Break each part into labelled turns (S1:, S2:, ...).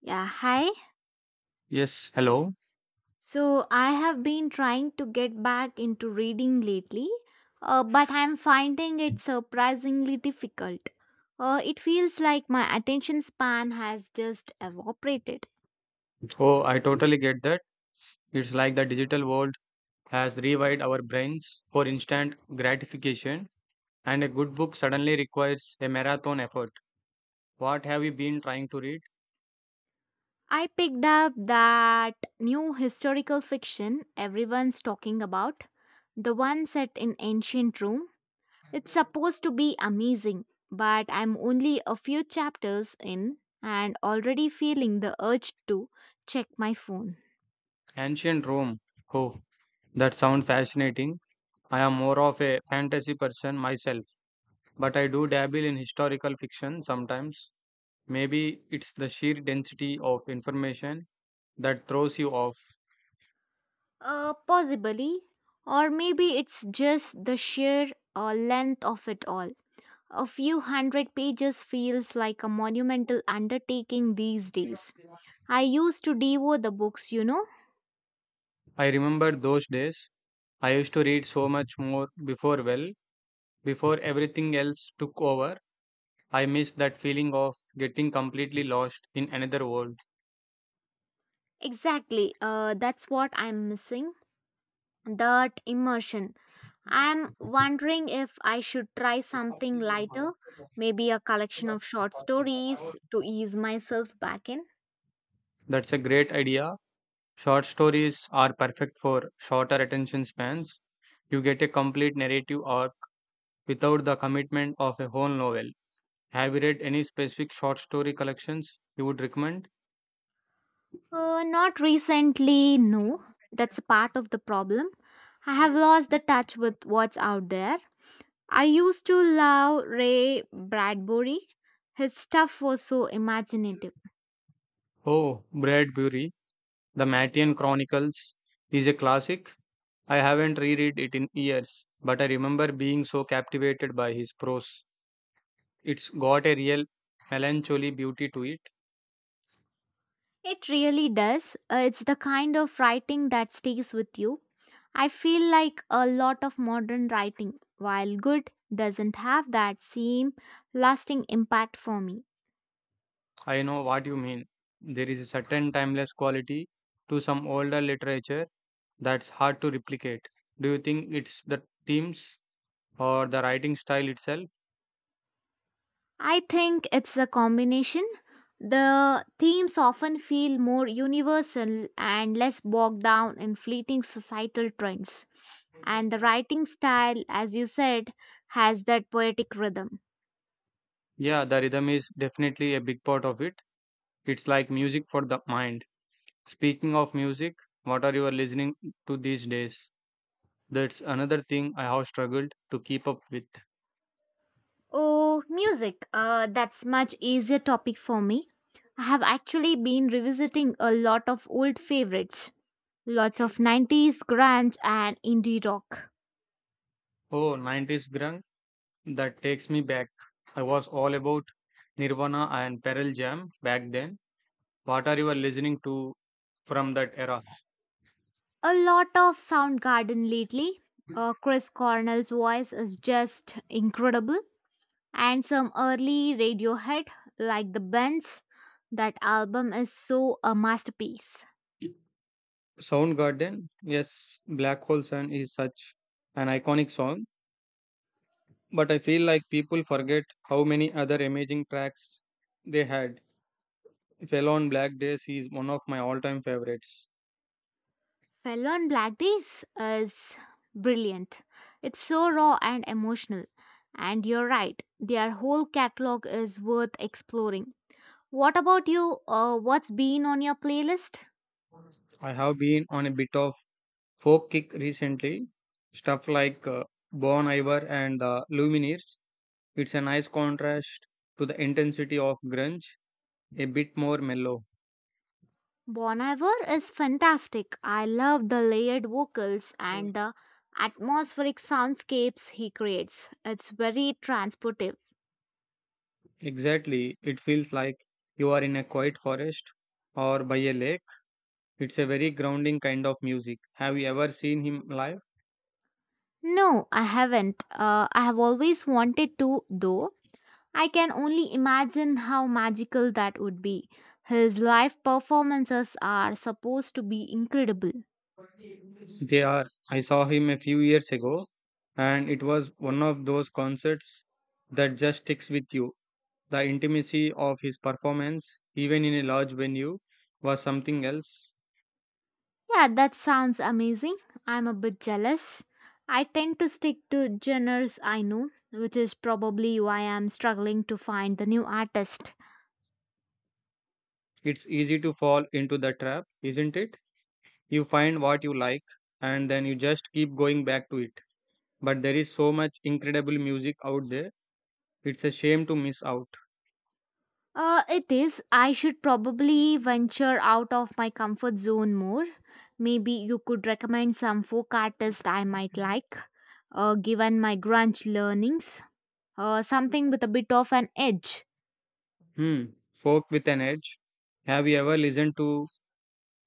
S1: Yeah, hi.
S2: Yes, hello.
S1: So I have been trying to get back into reading lately, but I'm finding it surprisingly difficult. It feels like my attention span has just evaporated.
S2: Oh, I totally get that. It's like the digital world has rewired our brains for instant gratification, and a good book suddenly requires a marathon effort. What have you been trying to read?
S1: I picked up that new historical fiction everyone's talking about, the one set in ancient Rome. It's supposed to be amazing, but I'm only a few chapters in and already feeling the urge to check my phone.
S2: Ancient Rome. Oh, that sounds fascinating. I am more of a fantasy person myself, but I do dabble in historical fiction sometimes. Maybe it's the sheer density of information that throws you off.
S1: Possibly, or maybe it's just the sheer length of it all. A few hundred pages feels like a monumental undertaking these days. I used to devour the books.
S2: I remember those days. I used to read so much more before, well, before everything else took over. I miss that feeling of getting completely lost in another world.
S1: Exactly, that's what I'm missing that immersion. I'm wondering if I should try something lighter, maybe a collection of short stories to ease myself back in.
S2: That's a great idea. Short stories are perfect for shorter attention spans. You get a complete narrative arc without the commitment of a whole novel. Have you read any specific short story collections you would recommend?
S1: Not recently, no. That's a part of the problem. I have lost the touch with what's out there. I used to love Ray Bradbury. His stuff was so imaginative.
S2: Oh, Bradbury. The Mattian Chronicles is a classic. I haven't reread it in years, but I remember being so captivated by his prose. It's got a real melancholy beauty to it.
S1: It really does. It's the kind of writing that stays with you. I feel like a lot of modern writing, while good, doesn't have that same lasting impact for me.
S2: I know what you mean. There is a certain timeless quality to some older literature that's hard to replicate. Do you think it's the themes or the writing style itself?
S1: I think it's a combination. The themes often feel more universal and less bogged down in fleeting societal trends. And the writing style, as you said, has that poetic rhythm.
S2: Yeah, the rhythm is definitely a big part of it. It's like music for the mind. Speaking of music, what are you listening to these days? That's another thing I have struggled to keep up with.
S1: Oh, music. That's much easier topic for me. I have actually been revisiting a lot of old favorites. Lots of 90s grunge and indie rock.
S2: Oh, 90s grunge, that takes me back. I was all about Nirvana and Pearl Jam back then. What are you listening to from that era?
S1: A lot of Soundgarden lately. Chris Cornell's voice is just incredible, and some early Radiohead, like The Bends. That album is so a masterpiece.
S2: Soundgarden, yes, Black Hole Sun is such an iconic song, but I feel like people forget how many other amazing tracks they had. Fell on Black Days is one of my all time favorites.
S1: Fell on Black Days is brilliant. It's so raw and emotional. And you're right, their whole catalog is worth exploring. What about you? What's been on your playlist?
S2: I have been on a bit of Folk kick recently, stuff like Bon Iver and the Lumineers. It's a nice contrast to the intensity of grunge, a bit more mellow.
S1: Bon Iver is fantastic. I love the layered vocals
S2: Mm.
S1: and the atmospheric soundscapes he creates. It's very transportive.
S2: Exactly, it feels like you are in a quiet forest or by a lake. It's a very grounding kind of music. Have you ever seen him live?
S1: No, I haven't. I have always wanted to, though. I can only imagine how magical that would be. His live performances are supposed to be incredible.
S2: They are. I saw him a few years ago, and it was one of those concerts that just sticks with you. The intimacy of his performance, even in a large venue, was something else.
S1: Yeah, that sounds amazing. I'm a bit jealous. I tend to stick to genres I know, which is probably why I'm struggling to find the new artist.
S2: It's easy to fall into the trap, isn't it? You find what you like and then you just keep going back to it. But there is so much incredible music out there, it's a shame to miss out.
S1: It is. I should probably venture out of my comfort zone more. Maybe you could recommend some folk artist I might like, given my grunge learnings. Something with a bit of an edge.
S2: Hmm, folk with an edge. Have you ever listened to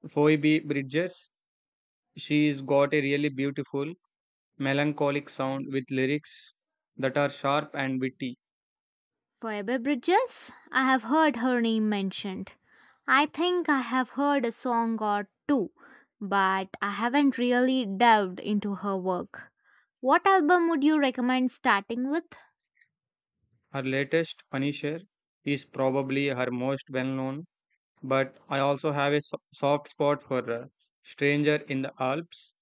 S2: Phoebe Bridgers? She's got a really beautiful, melancholic sound with lyrics that are sharp and witty.
S1: Phoebe Bridges? I have heard her name mentioned. I think I have heard a song or two, but I haven't really delved into her work. What album would you recommend starting with?
S2: Her latest, Punisher, is probably her most well known, but I also have a soft spot for Stranger in the Alps.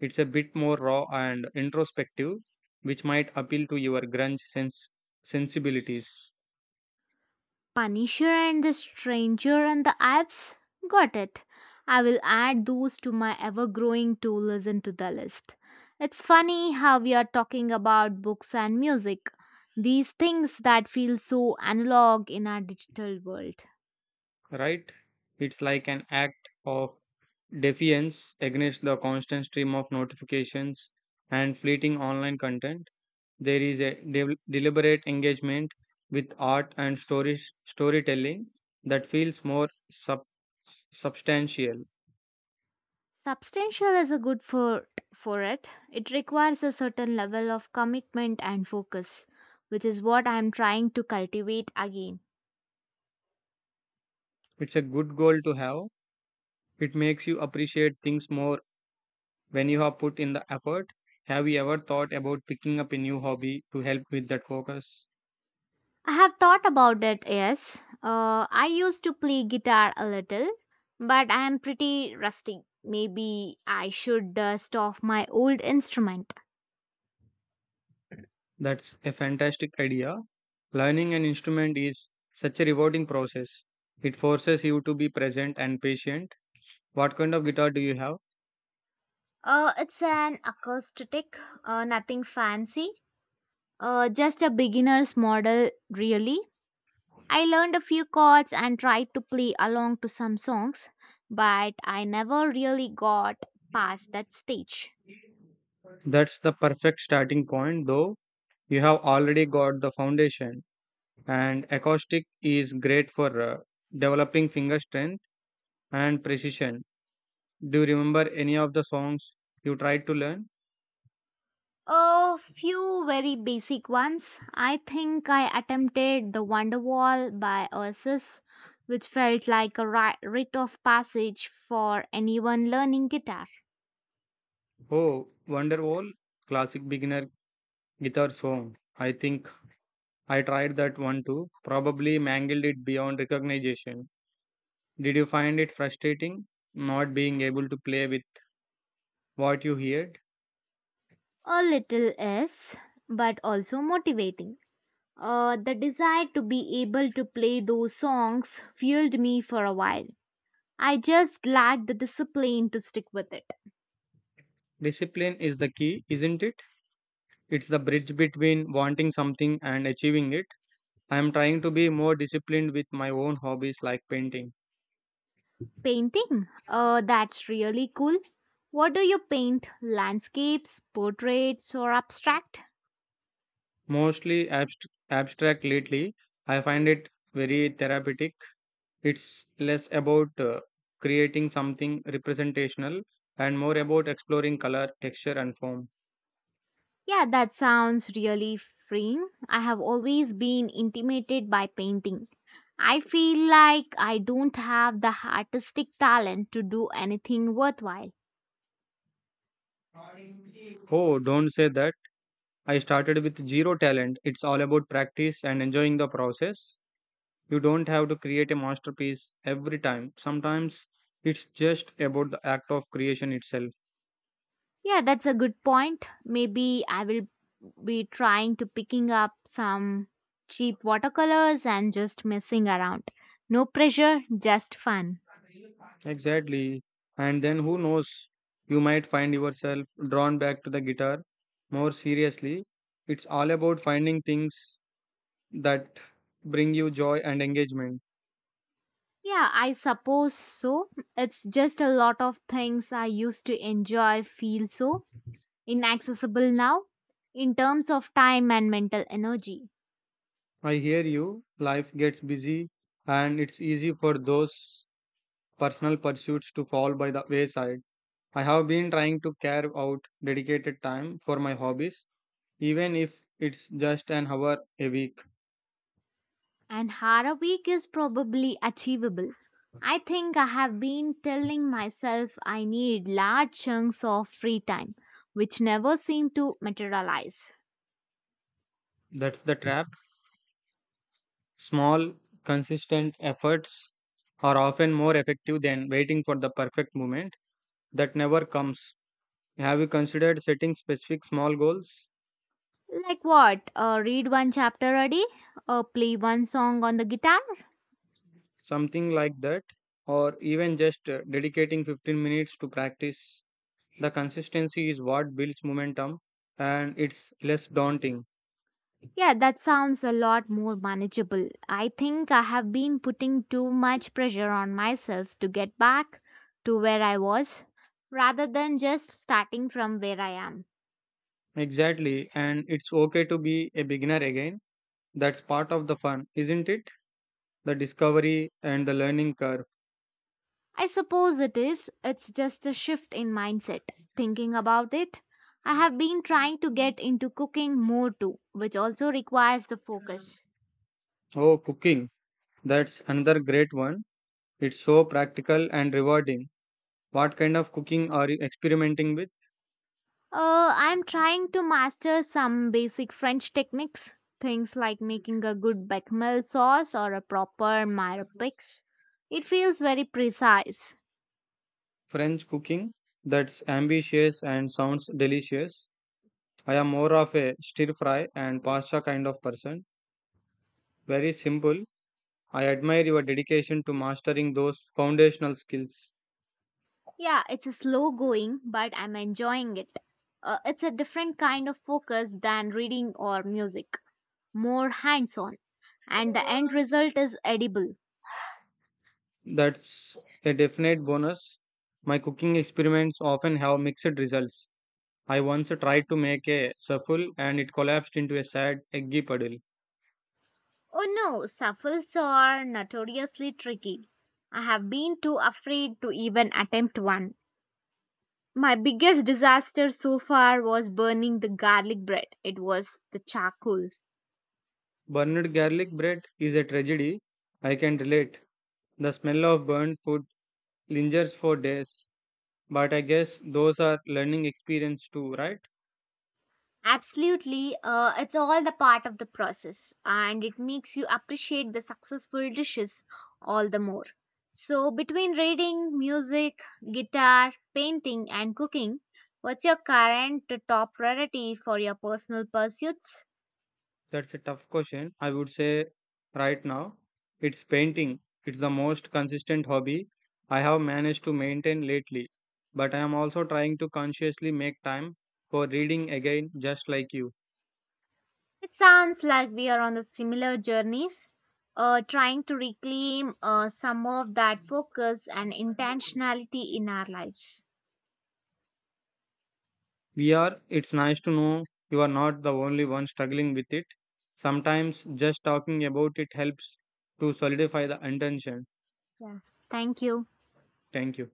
S2: It's a bit more raw and introspective, which might appeal to your grunge sens- sensibilities,
S1: Punisher and the Stranger and the Alps? Got it. I will add those to my ever growing to listen to the list. It's funny how we are talking about books and music, these things that feel so analog in our digital world.
S2: right? It's like an act of defiance against the constant stream of notifications and fleeting online content. There is a deliberate engagement with art and storytelling that feels more substantial.
S1: Substantial is a good for it. It requires a certain level of commitment and focus, which is what I am trying to cultivate again.
S2: It's a good goal to have. It makes you appreciate things more when you have put in the effort. Have you ever thought about picking up a new hobby to help with that focus?
S1: I have thought about it, yes. I used to play guitar a little, but I am pretty rusty. Maybe I should dust off my old instrument.
S2: That's a fantastic idea. Learning an instrument is such a rewarding process. It forces you to be present and patient. What kind of guitar do you have?
S1: It's an acoustic, nothing fancy, just a beginner's model, really. I learned a few chords and tried to play along to some songs, but I never really got past that stage.
S2: That's the perfect starting point, though you have already got the foundation, and acoustic is great for developing finger strength and precision. Do you remember any of the songs you tried to learn?
S1: A few very basic ones. I think I attempted the Wonderwall by Oasis, which felt like a rite of passage for anyone learning guitar.
S2: Oh, Wonderwall, classic beginner guitar song. I think I tried that one too, probably mangled it beyond recognition. Did you find it frustrating not being able to play with what you heard?
S1: A little is, but also motivating. The desire to be able to play those songs fueled me for a while. I just lack the discipline to stick with it.
S2: Discipline is the key, isn't it? It's the bridge between wanting something and achieving it. I'm trying to be more disciplined with my own hobbies, like painting,
S1: Painting? That's really cool. What do you paint? Landscapes, portraits, or abstract?
S2: mostly abstract lately. I find it very therapeutic. It's less about creating something representational and more about exploring color, texture, and form.
S1: Yeah, that sounds really freeing. I have always been intimidated by painting. I feel like I don't have the artistic talent to do anything worthwhile.
S2: Oh, don't say that. I started with zero talent. It's all about practice and enjoying the process. You don't have to create a masterpiece every time. Sometimes it's just about the act of creation itself.
S1: Yeah, that's a good point. Maybe I will be trying to picking up some cheap watercolors and just messing around. No pressure, just fun.
S2: Exactly. And then who knows, you might find yourself drawn back to the guitar more seriously. It's all about finding things that bring you joy and engagement.
S1: Yeah, I suppose so. It's just a lot of things I used to enjoy feel so inaccessible now in terms of time and mental energy.
S2: I hear you, life gets busy, and it's easy for those personal pursuits to fall by the wayside. I have been trying to carve out dedicated time for my hobbies, even if it's just an hour a week.
S1: And Hara week is probably achievable. I think I have been telling myself I need large chunks of free time, which never seem to materialize.
S2: That's the trap. Small, consistent efforts are often more effective than waiting for the perfect moment that never comes. Have you considered setting specific small goals,
S1: Like what? Read one chapter a day? Play one song on the guitar?
S2: something like that, or even just dedicating 15 minutes to practice? The consistency is what builds momentum, and it's less daunting.
S1: Yeah, that sounds a lot more manageable. I think I have been putting too much pressure on myself to get back to where I was rather than just starting from where I am.
S2: Exactly, and it's okay to be a beginner again. That's part of the fun, isn't it? The discovery and the learning curve.
S1: I suppose it is. It's just a shift in mindset. Thinking about it, I have been trying to get into cooking more too, which also requires the focus.
S2: Oh, cooking. That's another great one. It's so practical and rewarding. What kind of cooking are you experimenting with?
S1: I'm trying to master some basic French techniques, things like making a good bechamel sauce or a proper marpix. It feels very precise.
S2: French cooking, that's ambitious and sounds delicious. I am more of a stir fry and pasta kind of person. Very simple. I admire your dedication to mastering those foundational skills.
S1: Yeah, it's a slow going, but I'm enjoying it. It's a different kind of focus than reading or music. More hands on, and the end result is edible.
S2: That's a definite bonus. My cooking experiments often have mixed results. I once tried to make a souffle and it collapsed into a sad eggy puddle.
S1: Oh no, souffles are notoriously tricky. I have been too afraid to even attempt one. My biggest disaster so far was burning the garlic bread. It was the charcoal.
S2: Burned garlic bread is a tragedy. I can relate. The smell of burnt food lingers for days. But I guess those are learning experience too, right?
S1: Absolutely, it's all the part of the process and it makes you appreciate the successful dishes all the more. So, between reading, music, guitar, painting, and cooking, what's your current top priority for your personal pursuits?
S2: That's a tough question. I would say right now it's painting. It's the most consistent hobby I have managed to maintain lately. But I am also trying to consciously make time for reading again, just like you.
S1: It sounds like we are on the similar journeys, trying to reclaim some of that focus and intentionality in our lives.
S2: We are, it's nice to know you are not the only one struggling with it. Sometimes just talking about it helps to solidify the intention.
S1: Yeah, thank you.
S2: Thank you.